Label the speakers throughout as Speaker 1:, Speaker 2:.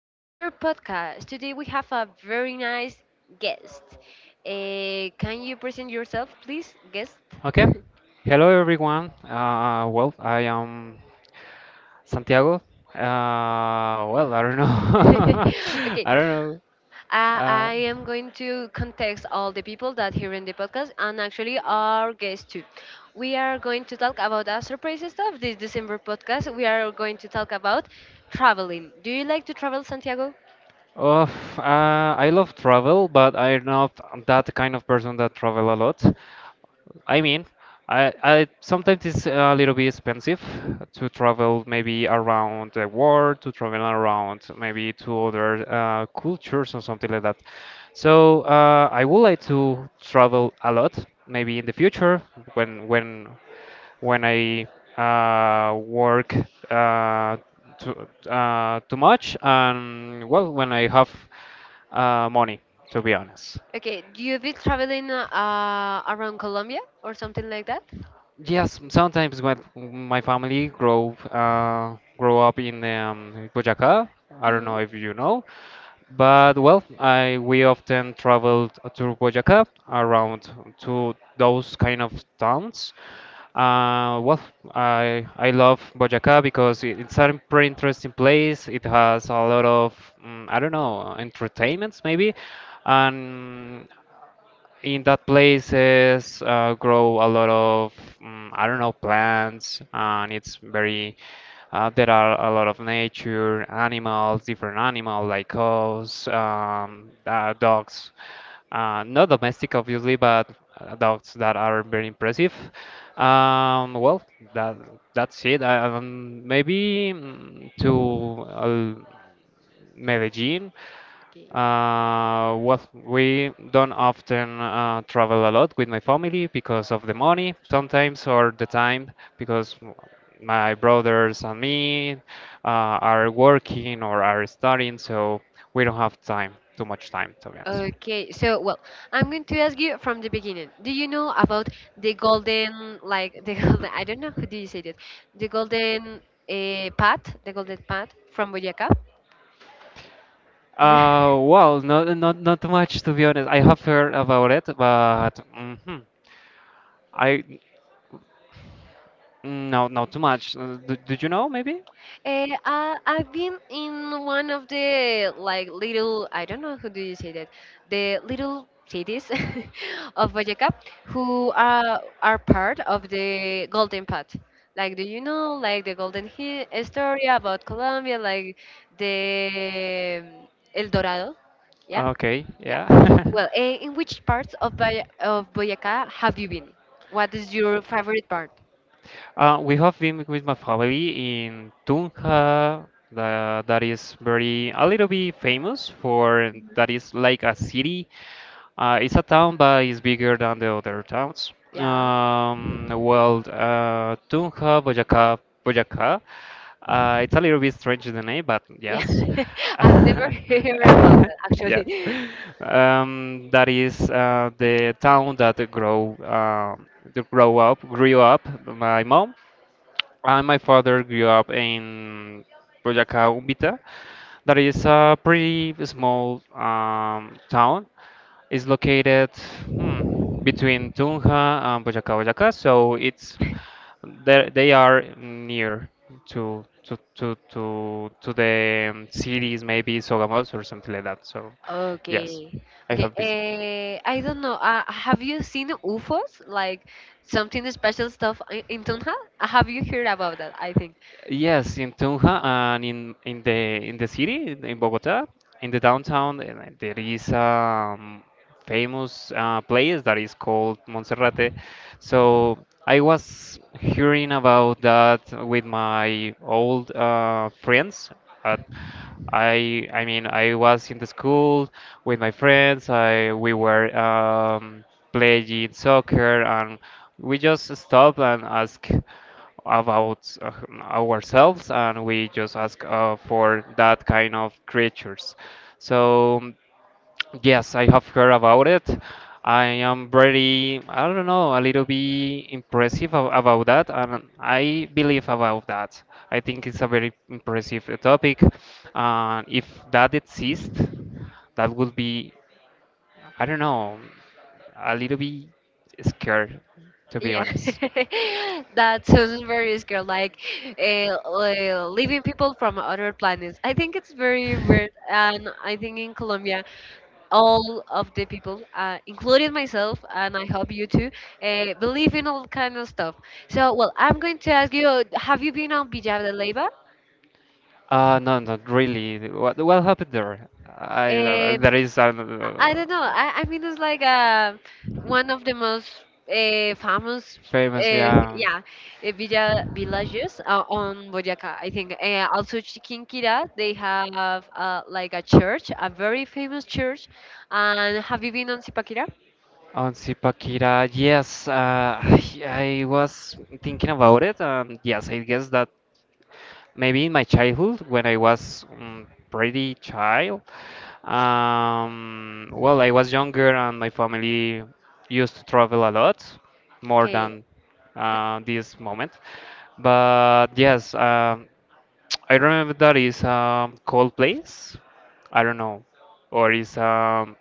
Speaker 1: December podcast. Today we have a very nice guest. Can you present yourself, please, guest?
Speaker 2: Okay. Hello, everyone. I am Santiago. I don't know.
Speaker 1: Okay,
Speaker 2: I don't know. Uh,
Speaker 1: I am going to context all the people that hear in the podcast and actually our guests too. We are going to talk about a surprise stuff this December podcast. We are going to talk about traveling. Do you like to travel, Santiago?
Speaker 2: Oh, uh, I love travel, but I'm not that kind of person that travel a lot. I mean, I sometimes it's a little bit expensive to travel maybe around the world, to travel around maybe to other cultures or something like that. So I would like to travel a lot, maybe in the future when when when I work uh, too much, and well, when I have money, to be honest.
Speaker 1: Okay, do you be traveling around Colombia or something like that?
Speaker 2: Yes, sometimes when my family grow up in Boyacá. I don't
Speaker 1: Mm-hmm.
Speaker 2: know if you know, but well, I we often traveled to Boyacá, around to those kind of towns. Uh, well, I love Boyacá because it's a pretty interesting place. It has a lot of I don't know, entertainments maybe, and in that places grow a lot of I don't know, plants, and it's very there are a lot of nature animals, different animals like cows, dogs, not domestic obviously, but dogs that are very impressive. um, well that that's it. Maybe to Medellin.
Speaker 1: Okay.
Speaker 2: We don't often travel a lot with my family because of the money sometimes, or the time, because my brothers and me are working or are studying, so we don't have time, too much time, to be honest.
Speaker 1: Okay, so well, I'm going to ask you from the beginning. Do you know about the golden, like the golden? I don't know who do you say that? The golden path, the golden path from Boyacá.
Speaker 2: Not much, to be honest. I have heard about it, but hmm I no, not too much. Did you know maybe?
Speaker 1: I've been in one of the like little I don't know who do you say that the little cities of Boyacá who are part of the Golden Path. Like do you know like the Golden story about Colombia, like the um, El Dorado? Yeah,
Speaker 2: Okay,
Speaker 1: yeah.
Speaker 2: yeah.
Speaker 1: Well, in which parts of of Boyacá have you been? What is your favorite part?
Speaker 2: We have been with my family in Tunja, that is very a little bit famous for
Speaker 1: Mhm.
Speaker 2: that, is like a city. It's a town, but it's bigger than the other towns.
Speaker 1: Yeah.
Speaker 2: Tunja, Boyacá, Boyacá. It's a little bit strange the name, but yes,
Speaker 1: Yeah. I've never heard about that
Speaker 2: yes.
Speaker 1: actually.
Speaker 2: That is the town that grow up grew up my mom, and my father grew up in Boyacá Umbita. That is a pretty small town. It's located hmm, between Tunja and Boyacá, Boyacá. So it's there. They are near to the cities, maybe Sogamoso or something like that. So yes,
Speaker 1: Okay.
Speaker 2: I
Speaker 1: Okay.
Speaker 2: have visited.
Speaker 1: I don't know. Have you seen UFOs? Like something special stuff in Tunja? Have you heard about that? I think.
Speaker 2: Yes, in Tunja and in the city in Bogota, in the downtown, there is a famous place that is called Monserrate. So I was hearing about that with my old friends. At, I mean, I was in the school with my friends. I we were playing soccer, and we just stopped and asked about ourselves, and we just ask for that kind of creatures. So, yes, I have heard about it. I am very, I don't know, a little bit impressive about that, and I believe about that. I think it's a very impressive topic. If that exists, that would be, I don't know, a little bit scared, to be
Speaker 1: Yeah,
Speaker 2: honest.
Speaker 1: that sounds very scary. Like living people from other planets. I think it's very weird, and I think in Colombia, all of the people, including myself, and I hope you too, believe in all kind of stuff. So, well, I'm going to ask you: have you been on Villa de Leyva?
Speaker 2: No, not really. What happened there? I
Speaker 1: Um,
Speaker 2: there is an,
Speaker 1: I don't know. I mean, it's like one of the most famous,
Speaker 2: famous, yeah.
Speaker 1: yeah, villages on Boyacá. I think also Chiquinquirá. They have like a church, a very famous church. And have you been on Zipaquirá?
Speaker 2: On Sipakira, yes, I was thinking about it, and yes, I guess that maybe in my childhood, when I was pretty child, well, I was younger, and my family used to travel a lot, more
Speaker 1: Okay.
Speaker 2: than this moment. But yes, I remember that is a cold place. I don't know, or is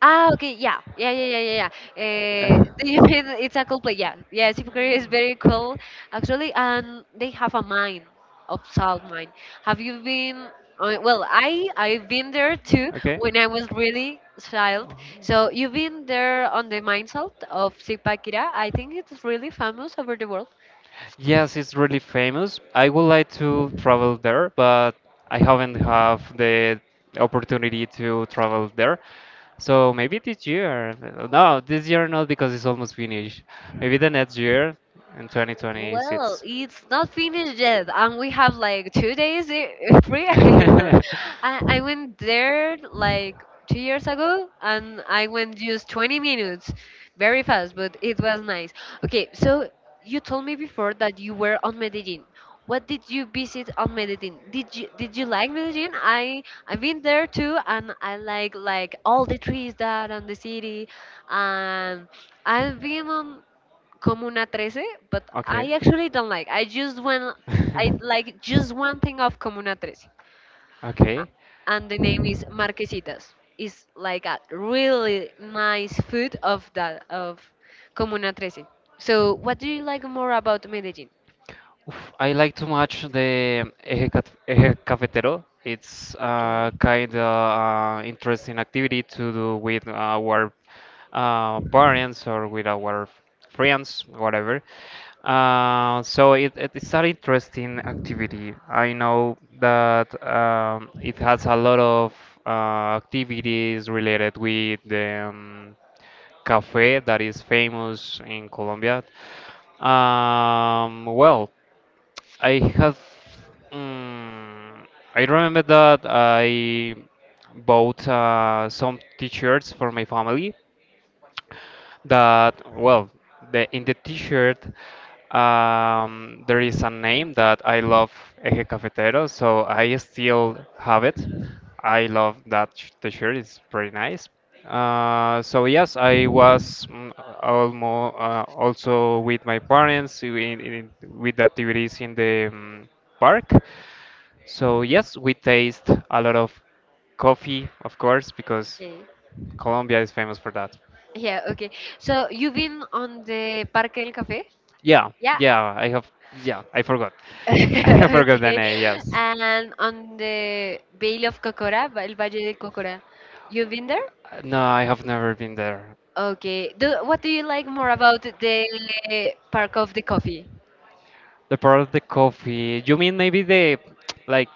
Speaker 1: Ah, okay, yeah, yeah, yeah, yeah, yeah, yeah. Uh, do you mean it's a cool play, yeah, yeah. Steve Curry is very cool, actually, and they have a mine, of salt mine. Have you been? Well, I've been there too
Speaker 2: Okay.
Speaker 1: when I was really child. So you've been there on the mine salt of Zipaquirá. I think it's really famous over the world.
Speaker 2: Yes, it's really famous. I would like to travel there, but I haven't have the opportunity to travel there. So maybe this year. No, this year not, because it's almost finished. Maybe the next year, in
Speaker 1: Well,
Speaker 2: 2026.
Speaker 1: it's not finished yet, and we have like 2 days free. I don't know. I went there like 2 years ago, and I went just 20 minutes, very fast, but it was nice. Okay, so you told me before that you were on Medellin. What did you visit on Medellin? Did you like Medellin? I've been there too, and I like all the trees that on the city, and I've been on. Comuna Trece, but
Speaker 2: Okay.
Speaker 1: I actually don't like. I just want. I like just one thing of Comuna Trece,
Speaker 2: Okay.
Speaker 1: And the name is Marquesitas. It's like a really nice food of that of Comuna Trece. So, what do you like more about Medellin?
Speaker 2: Oof, I like to watch the Eje Cafetero. It's uh,
Speaker 1: Okay.
Speaker 2: kind of uh, interesting activity to do with our parents, or with our friends, whatever. So it's an interesting activity. I know that it has a lot of activities related with the cafe that is famous in Colombia. Um, well, I have. Mm, I remember that I bought some T-shirts for my family, that well, the in the t-shirt there is a name that I love, Eje Cafetero, so I still have it. I love that t-shirt, it's pretty nice. So yes, I was mm, almo also with my parents, with the activities in the park. So yes, we taste a lot of coffee, of course, because
Speaker 1: Okay.
Speaker 2: Colombia is famous for that.
Speaker 1: Yeah, okay. So, you've been on the Parque del Café?
Speaker 2: Yeah,
Speaker 1: Yeah,
Speaker 2: yeah, I have, yeah, I forgot. I forgot the
Speaker 1: okay.
Speaker 2: name, yes.
Speaker 1: And on the Vale of Cocora, El Valle de Cocora, you've been there?
Speaker 2: No, I have never been there.
Speaker 1: Okay. What do you like more about the Park of the Coffee?
Speaker 2: The part of the coffee, you mean maybe like,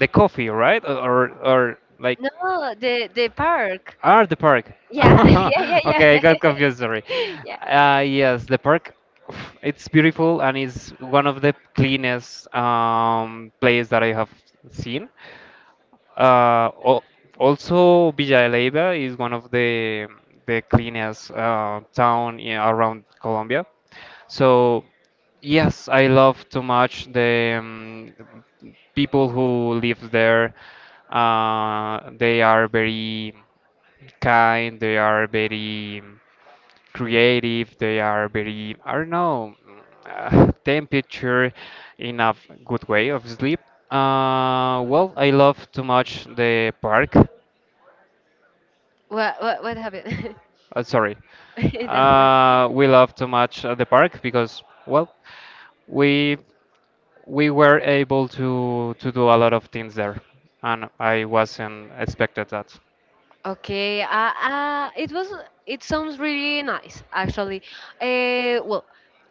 Speaker 2: the coffee, right?
Speaker 1: No, the park.
Speaker 2: Ah, the park.
Speaker 1: Yeah, yeah, yeah,
Speaker 2: Okay, I
Speaker 1: yeah.
Speaker 2: got confused, sorry.
Speaker 1: Yeah.
Speaker 2: Yes, the park, it's beautiful, and it's one of the cleanest place that I have seen. Uh, al- also, Villa Leiva is one of the cleanest town in, around Colombia. So, yes, I love too much the people who live there. They are very kind. They are very creative, they are very, I don't know temperature in a good way of sleep. Well, I love too much the park.
Speaker 1: What happened?
Speaker 2: Sorry.
Speaker 1: Don't worry.
Speaker 2: We love too much the park, because well, we we were able to do a lot of things there, and I wasn't expected that.
Speaker 1: Okay, it sounds really nice actually. Well,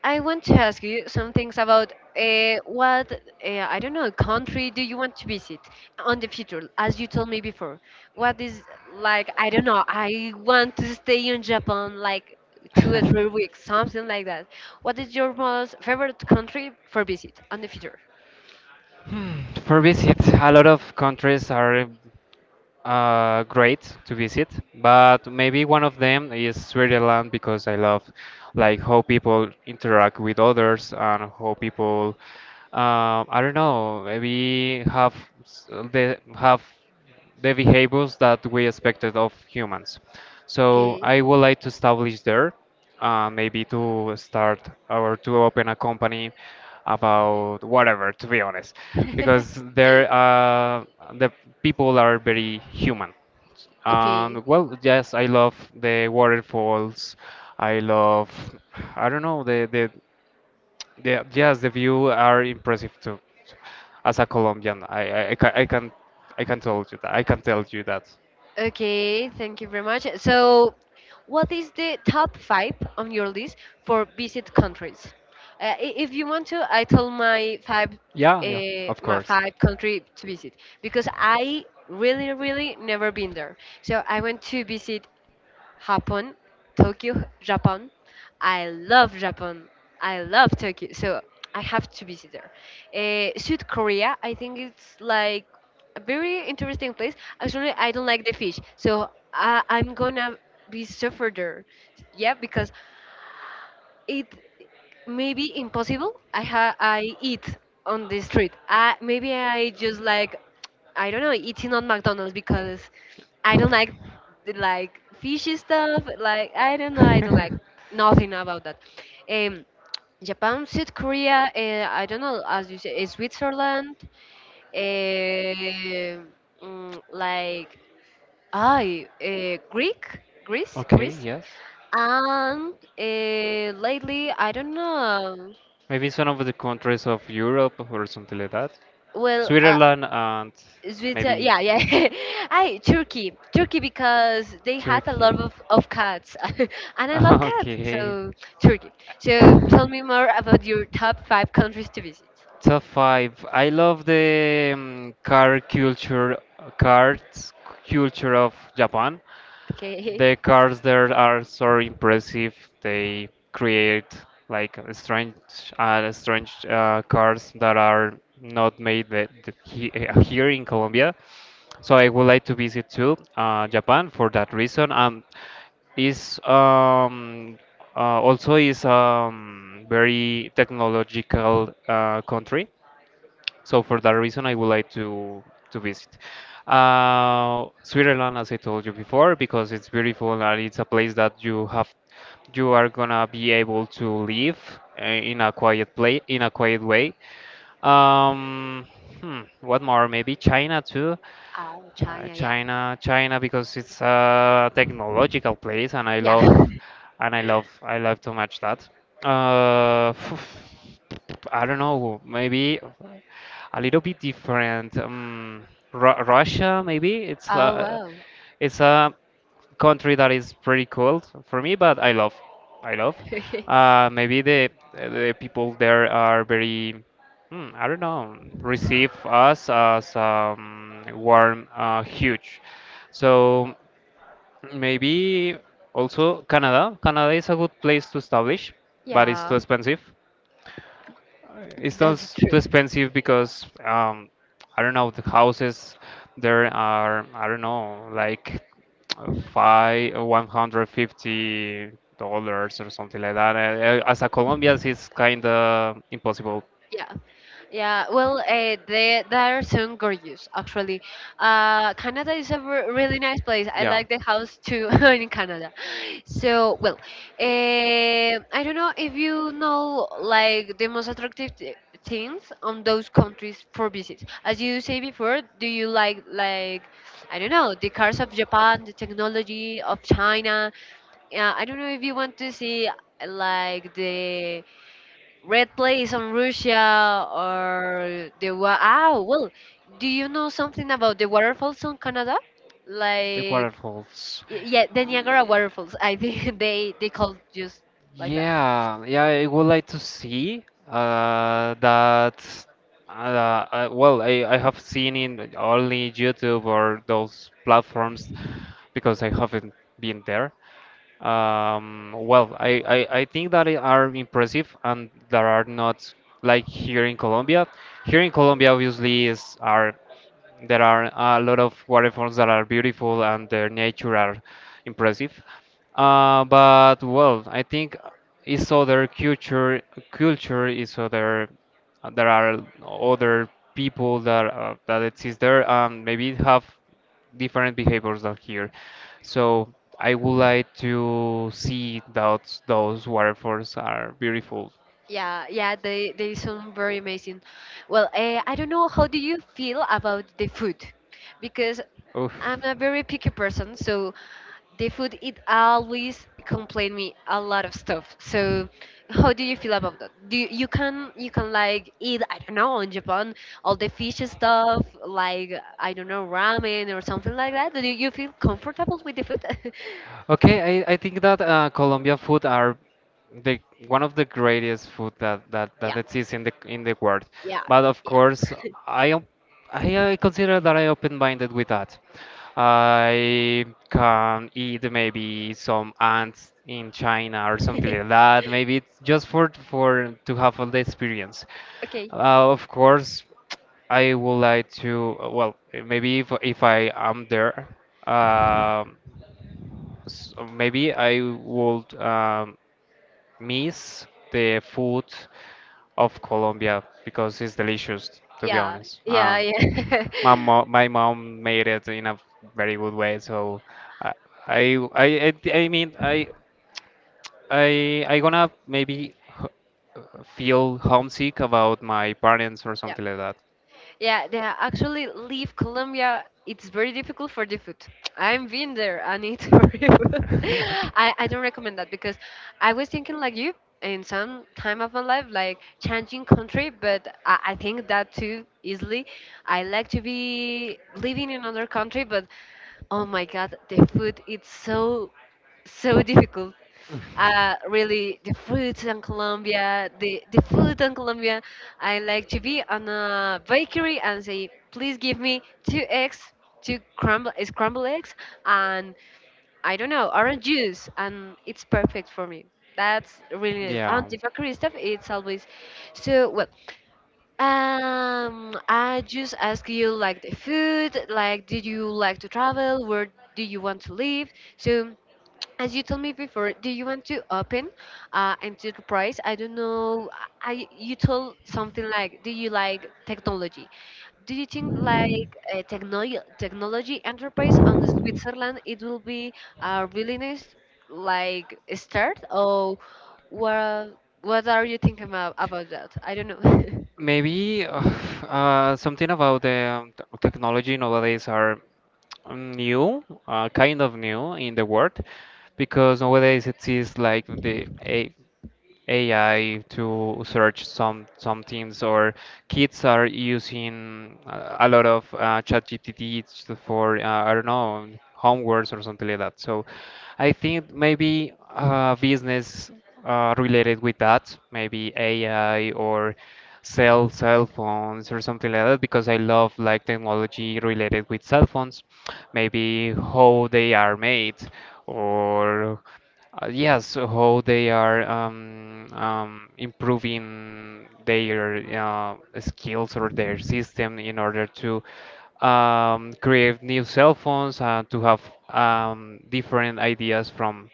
Speaker 1: I want to ask you some things about what I don't know country do you want to visit on the future? As you told me before, what is like I don't know. I want to stay in Japan like two or three weeks, something like that. What is your most favorite country for visit on the future?
Speaker 2: For visit, a lot of countries are great to visit, but maybe one of them is Sri Lanka, because I love like how people interact with others, and how people I don't know, maybe have they have the behaviors that we expected of humans. So
Speaker 1: Okay.
Speaker 2: I would like to establish there, maybe to start or to open a company about whatever, to be honest, because there the people are very human.
Speaker 1: Okay.
Speaker 2: And well, yes, I love the waterfalls, I love, I don't know, the, yes, the view are impressive too. As a Colombian, I can tell you that, I can tell you that.
Speaker 1: Okay, thank you very much. So, what is the top five on your list for visit countries? If you want to, I told
Speaker 2: Yeah, yeah, of
Speaker 1: my
Speaker 2: course.
Speaker 1: five country to visit because I really, really never been there. So I went to visit Japan, Tokyo, Japan. I love Japan. I love Tokyo. So I have to visit there. South Korea, I think it's like a very interesting place. Actually, I don't like the fish, so I'm gonna be suffer there. Yeah, because it may be impossible. I eat on the street. I maybe I just like I don't know eating on McDonald's because I don't like the, like fishy stuff. Like I don't know. I don't like nothing about that. Um, Japan, South Korea. I don't know. As you say, Switzerland. eh, like I Greek, Greece,
Speaker 2: Okay,
Speaker 1: Greece,
Speaker 2: yes.
Speaker 1: and lately I don't know.
Speaker 2: Maybe it's one of the countries of Europe or something like that.
Speaker 1: Well,
Speaker 2: Switzerland, and
Speaker 1: Switzerland,
Speaker 2: maybe.
Speaker 1: yeah, yeah. Turkey because they had a
Speaker 2: Turkey.
Speaker 1: lot of cats, and I love cats,
Speaker 2: Okay.
Speaker 1: so Turkey. So tell me more about your top five countries to visit.
Speaker 2: Top five. I love the car culture, cars culture of Japan.
Speaker 1: Okay.
Speaker 2: The cars there are so impressive. They create like a strange cars that are not made that here in Colombia. So I would like to visit too Japan for that reason. Is also is Very technological country. So for that reason, I would like to visit. Switzerland, as I told you before, because it's beautiful, and it's a place that you have, you are gonna be able to live in a quiet play, in a quiet way. Um, what more? Maybe China too.
Speaker 1: Oh, China, yeah,
Speaker 2: China, because it's a technological place, and
Speaker 1: yeah.
Speaker 2: and I love too much that. Uh, I don't know, maybe a little bit different. Russia, maybe
Speaker 1: Oh wow.
Speaker 2: it's a country that is pretty cool for me, but I love. Maybe the people there are very. I don't know, receive us as warm, huge. So maybe also Canada. Canada is a good place to establish, but it's
Speaker 1: Yeah,
Speaker 2: too expensive. It's not
Speaker 1: that's
Speaker 2: too
Speaker 1: true.
Speaker 2: expensive, because I don't know, the houses there are, I don't know, like five, $150 dollars or something like that. As a Colombian, it's kind of impossible.
Speaker 1: Yeah, yeah. Well, they are so gorgeous, actually. Canada is a really nice place. I
Speaker 2: Yeah.
Speaker 1: like the house too in Canada. So, well, I don't know if you know like the most attractive things on those countries for visits. As you say before, do you like I don't know the cars of Japan, the technology of China? Yeah, I don't know if you want to see like the red place on Russia or the ah well, do you know something about the waterfalls on Canada?
Speaker 2: The
Speaker 1: Like
Speaker 2: waterfalls.
Speaker 1: yeah, the
Speaker 2: Yeah.
Speaker 1: Niagara waterfalls. I think they call just like that.
Speaker 2: Yeah, yeah, I would like to see that. Uh, well, I have seen in only YouTube or those platforms, because I haven't been there. I think that it are impressive, and that are not like here in Colombia. Here in Colombia, obviously, is are there are a lot of waterfalls that are beautiful, and their nature are impressive. But well, I think is other culture, culture is other there are other people that that exist there, and maybe have different behaviors than here. So I would like to see that, those waterfalls are beautiful.
Speaker 1: Yeah, yeah, they sound very amazing. Well, I don't know how do you feel about the food, because
Speaker 2: Oof.
Speaker 1: I'm a very picky person, so the food it always complain me a lot of stuff. So how do you feel about that? Do you, you can like eat I don't know in Japan all the fish stuff like I don't know ramen or something like that? Do you feel comfortable with the food?
Speaker 2: Okay, I think that Colombian food are the one of the greatest food that, that
Speaker 1: Yeah,
Speaker 2: exists in the world.
Speaker 1: yeah,
Speaker 2: But of
Speaker 1: yeah.
Speaker 2: course, I am- I consider that I open-minded with that. I can eat maybe some ants in China or something like that. Maybe it's just for to have all the experience.
Speaker 1: Okay.
Speaker 2: Of course, I would like to. Well, maybe if I am there. um so maybe I would miss the food of Colombia because it's delicious, to be
Speaker 1: Yeah,
Speaker 2: honest.
Speaker 1: yeah, yeah.
Speaker 2: My mom made it in a very good way, so I I mean I gonna maybe h- feel homesick about my parents or
Speaker 1: Yeah.
Speaker 2: something like that.
Speaker 1: Yeah, they actually leave Colombia. It's very difficult for the food. I've been there and it's horrible. I don't recommend that because I was thinking like you in some time of my life, like changing country, but I think that too easily. I like to be living in another country, but oh my God, the food it's so difficult. Really, the food in Colombia, the food in Colombia, I like to be on a bakery and say, please give me two eggs, two scrambled eggs, and I don't know, orange juice, and it's perfect for me. That's really nice. And
Speaker 2: Yeah.
Speaker 1: the bakery stuff, it's always so well. I just ask you like the food, like did you like to travel, where do you want to live? So as you told me before, do you want to open enterprise? I don't know. I You told something like, do you like technology? Do you think like technology enterprise on Switzerland it will be a really nice like start or what what are you thinking about that? I don't know.
Speaker 2: Maybe something about the technology nowadays are new, kind of new in the world, because nowadays it is like the a AI to search some things, or kids are using a lot of ChatGPT for I don't know homeworks or something like that. So I think maybe business related with that, maybe AI or sell cell phones or something like that, because I love like technology related with cell phones, maybe how they are made or. Yes, so how they are improving their skills or their system in order to create new cell phones and to have different ideas from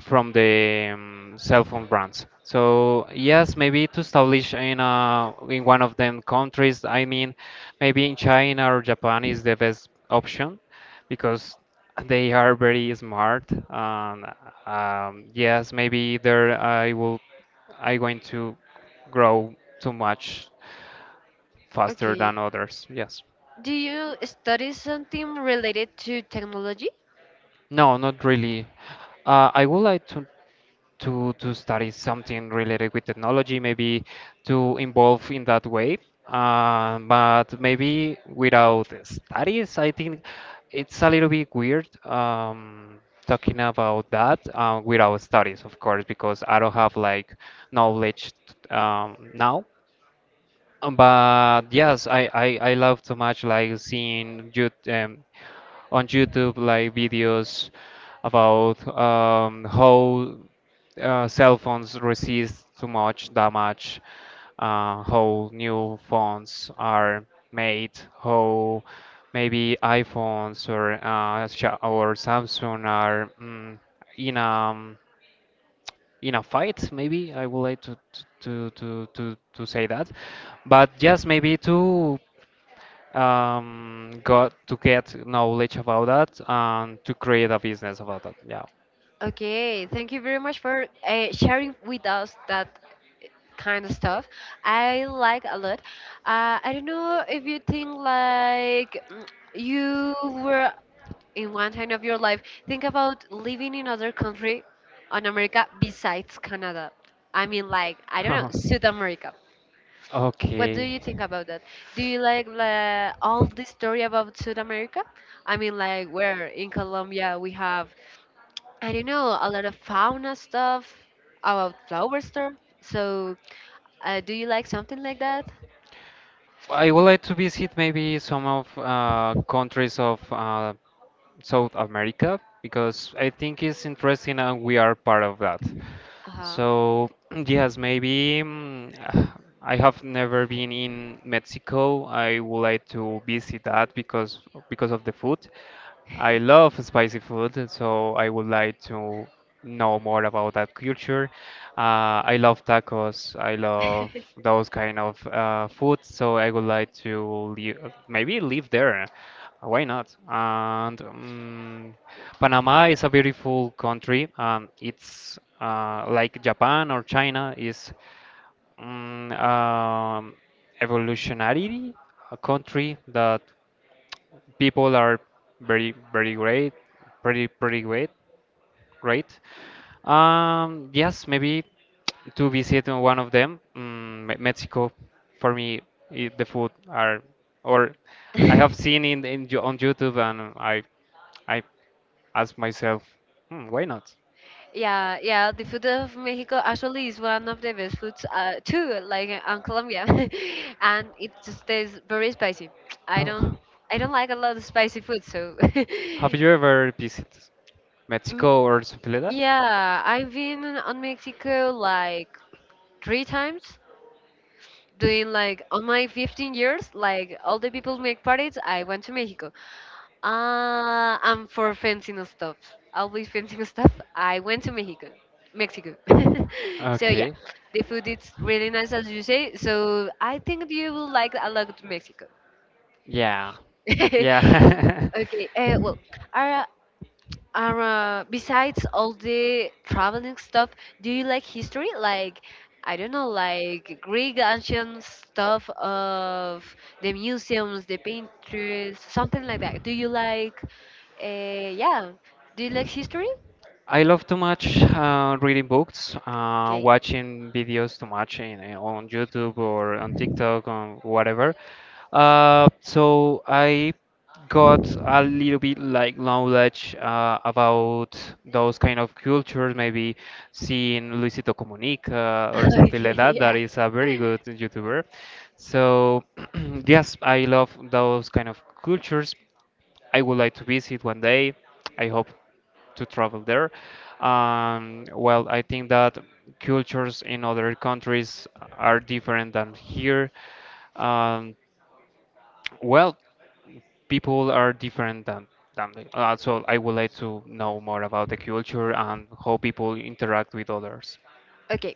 Speaker 2: the cell phone brands. So yes, maybe to establish in in one of them countries. I mean, maybe in China or Japan is the best option because they are very smart. And yes, maybe there I will I going to grow too much faster than
Speaker 1: Okay.
Speaker 2: others. Yes.
Speaker 1: Do you study something related to technology?
Speaker 2: No, not really. I would like to study something related with technology, maybe to involve in that way. But maybe without studies, I think it's a little bit weird talking about that without studies, of course, because I don't have like knowledge now. But yes, I love so much like seeing you on YouTube like videos about how cell phones resist too much damage, how new phones are made, how maybe iPhones or Samsung are mm, in a fight. Maybe I would like to say that, but just maybe to got to get knowledge about that and to create a business about that. Yeah.
Speaker 1: Okay, thank you very much for sharing with us that kind of stuff. I like a lot. I don't know if you think like you were in one time of your life think about living in other country on America besides Canada. I mean, like I don't know South America. What do
Speaker 2: Okay.
Speaker 1: you think about that? Do you like all the story about South America? I mean, like where in Colombia we have I don't know, a lot of fauna stuff about flower stuff. So, do you like something like that?
Speaker 2: I would like to visit maybe some of countries of South America because I think it's interesting and we are part of that.
Speaker 1: Uh-huh.
Speaker 2: So, yes, maybe mm, I have never been in Mexico. I would like to visit that because of the food. I love spicy food, so I would like to know more about that culture. I love tacos. I love those kind of food, so I would like to leave, maybe live there. Why not? And Panama is a beautiful country. It's like Japan or China is um, um, evolutionary, a country that people are very great, pretty great great. Yes, maybe to visit on one of them, mm, Mexico. For me, I the food are, or I have seen in, on YouTube, and I ask myself, hmm, why not?
Speaker 1: Yeah, yeah, the food of Mexico actually is one of the best foods too, like on Colombia, and it just tastes very spicy. I
Speaker 2: How-
Speaker 1: don't, I don't like a lot of spicy food, so
Speaker 2: Have you ever visited
Speaker 1: Mm,
Speaker 2: Mexico or something like that?
Speaker 1: yeah, I've been on Mexico like three times doing like on my 15 years, like all the people make parties. I went to Mexico, I'm for fencing stuff, always fencing stuff. I went to Mexico. So yeah,
Speaker 2: Okay.
Speaker 1: the food is really nice, as you say, so I think you will like a lot Mexico.
Speaker 2: Yeah.
Speaker 1: Okay.
Speaker 2: Yeah.
Speaker 1: Well, are, besides all the traveling stuff, do you like history? Like, I don't know, like Greek ancient stuff of the museums, the painters, something like that. Yeah, do you like history?
Speaker 2: I love too much reading books,
Speaker 1: Okay.
Speaker 2: watching videos too much in, on YouTube or on TikTok or whatever. So I got a little bit like knowledge about those kind of cultures, maybe seeing Luisito Comunica or something like
Speaker 1: Okay,
Speaker 2: that. That
Speaker 1: yeah.
Speaker 2: is a very good YouTuber. So yes, I love those kind of cultures. I would like to visit one day. I hope to travel there. Well, I think that cultures in other countries are different than here. Um, well, people are different than me. So I would like to know more about the culture and how people interact with others.
Speaker 1: Okay,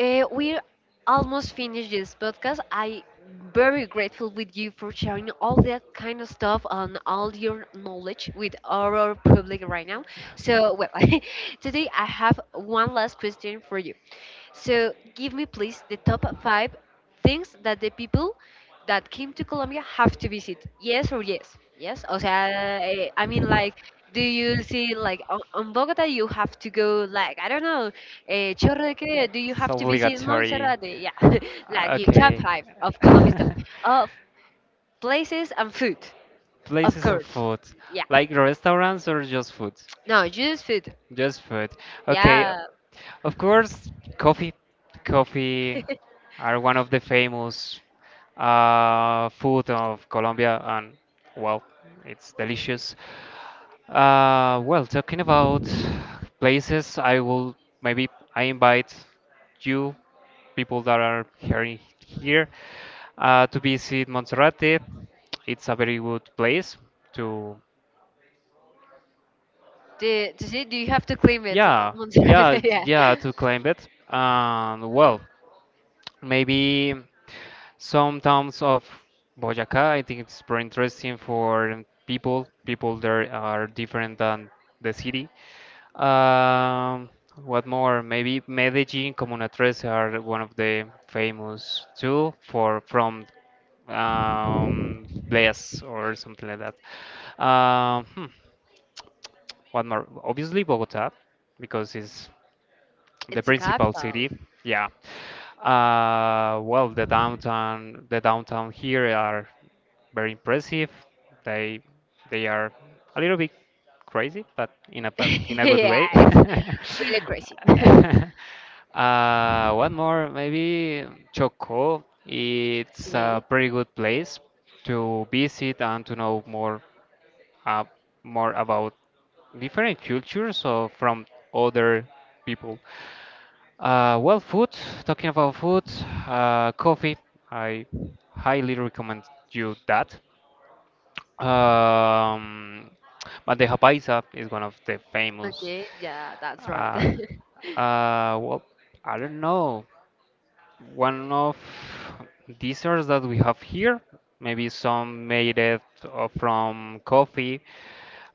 Speaker 1: We're almost finished this podcast. I very grateful with you for sharing all that kind of stuff and all your knowledge with our public right now. So well, today I have one last question for you. So give me please the top five things that the people that came to Colombia have to visit. Yes or yes? Yes. O sea, I mean like. Do you see like on Bogota you have to go like I don't know, Chorro de Creo, do you
Speaker 2: It's
Speaker 1: have to visit
Speaker 2: obligatory.
Speaker 1: Montserrat? Yeah, like your top
Speaker 2: Okay.
Speaker 1: five of Colombia's top of places and food, of
Speaker 2: Places and
Speaker 1: course.
Speaker 2: food.
Speaker 1: Yeah,
Speaker 2: Like restaurants or just food?
Speaker 1: no, just food.
Speaker 2: Just food. Okay,
Speaker 1: Yeah.
Speaker 2: of course, coffee. Coffee are one of the famous food of Colombia, and well, it's delicious. Well, talking about places, I will maybe I invite you, people that are hearing here, to visit Monserrate. It's a very good place to.
Speaker 1: To see, do you have to claim it,
Speaker 2: Yeah,
Speaker 1: Monserrate? Yeah,
Speaker 2: yeah, to claim it. And well, maybe some towns of Boyacá, I think it's very interesting for people. People there are different than the city. Um, what more? Maybe Medellin, Comuna Trece are one of the famous too for from Bless or something like that. What more? Obviously Bogota, because it's the
Speaker 1: it's the
Speaker 2: principal
Speaker 1: capital.
Speaker 2: city, yeah. Well, the downtown here are very impressive. They they are a little bit crazy, but in a good
Speaker 1: Yeah,
Speaker 2: way.
Speaker 1: it's really crazy.
Speaker 2: One more, maybe Choco. It's a
Speaker 1: Okay.
Speaker 2: pretty good place to visit and to know more uh, about different cultures or from other people. Well, food. Talking about food, coffee. I highly recommend you that. Um, Bandeja paisa is one of the famous.
Speaker 1: Okay, yeah, that's right.
Speaker 2: Uh, well, I don't know. One of desserts that we have here. Maybe some made it from coffee.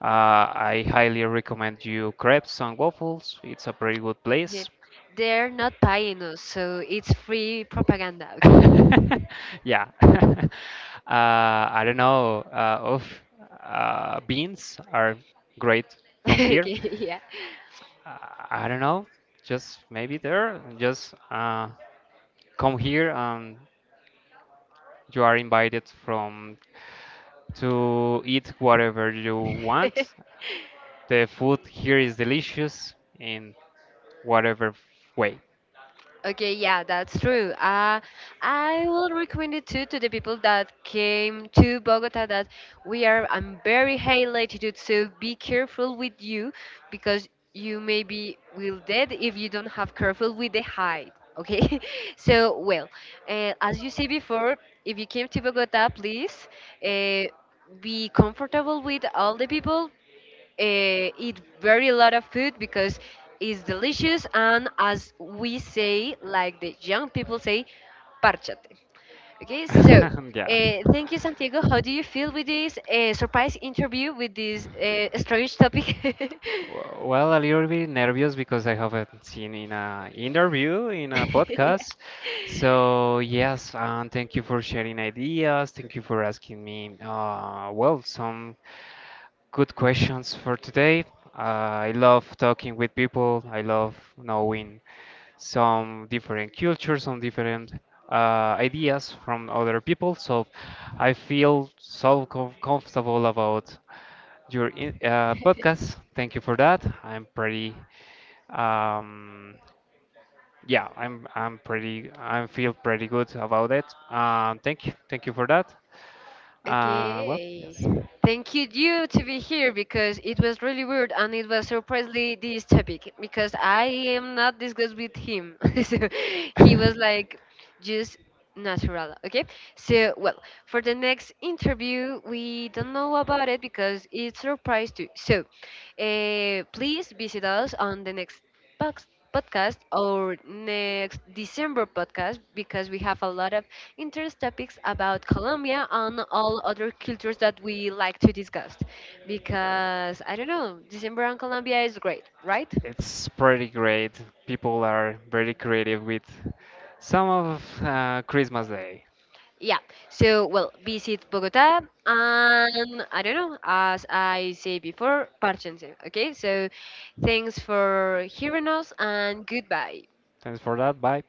Speaker 2: I highly recommend you crepes and waffles. It's a pretty good
Speaker 1: Okay.
Speaker 2: place.
Speaker 1: They're not paying us, so it's free propaganda, okay?
Speaker 2: Yeah. I don't know. Of beans are great from
Speaker 1: Okay,
Speaker 2: here.
Speaker 1: yeah.
Speaker 2: Uh, I don't know. Just maybe there. Just come here and you are invited from to eat whatever you want. The food here is delicious in whatever way.
Speaker 1: Okay, yeah, that's true. I will recommend it too to the people that came to Bogota. I'm very high latitude, so be careful with you because you maybe will dead if you don't have careful with the height. Okay, so well, as you say before, if you came to Bogota, please uh, be comfortable with all the people, eat very lot of food because it's delicious, and as we say, like the young people say, parchate. Okay, so
Speaker 2: Yeah.
Speaker 1: thank you, Santiago. How do you feel with this surprise interview with this strange topic?
Speaker 2: Well, a little bit nervous because I haven't seen in a interview, in a podcast. So yes, thank you for sharing ideas. Thank you for asking me, well, some good questions for today. I love talking with people. I love knowing some different cultures, some different ideas from other people. So I feel so comfortable about your in podcast. Thank you for that. I'm pretty, um, yeah, I'm pretty, I feel pretty good about it. Thank you, for that. Well,
Speaker 1: Okay.
Speaker 2: yes.
Speaker 1: Thank you to be here because it was really weird and it was surprisingly this topic because I am not discussed with him. So he was like just natural. Okay. So well, for the next interview we don't know about it because it's surprise too. So please visit us on the next box- podcast or next December podcast because we have a lot of interest topics about Colombia and all other cultures that we like to discuss. Because I don't know, December and Colombia is great, right?
Speaker 2: It's pretty great. People are very creative with some of Christmas Day.
Speaker 1: Yeah. So, well, visit Bogota and I don't know, as I say before, parchense. Okay? So, thanks for hearing us and goodbye.
Speaker 2: Thanks for that. Bye.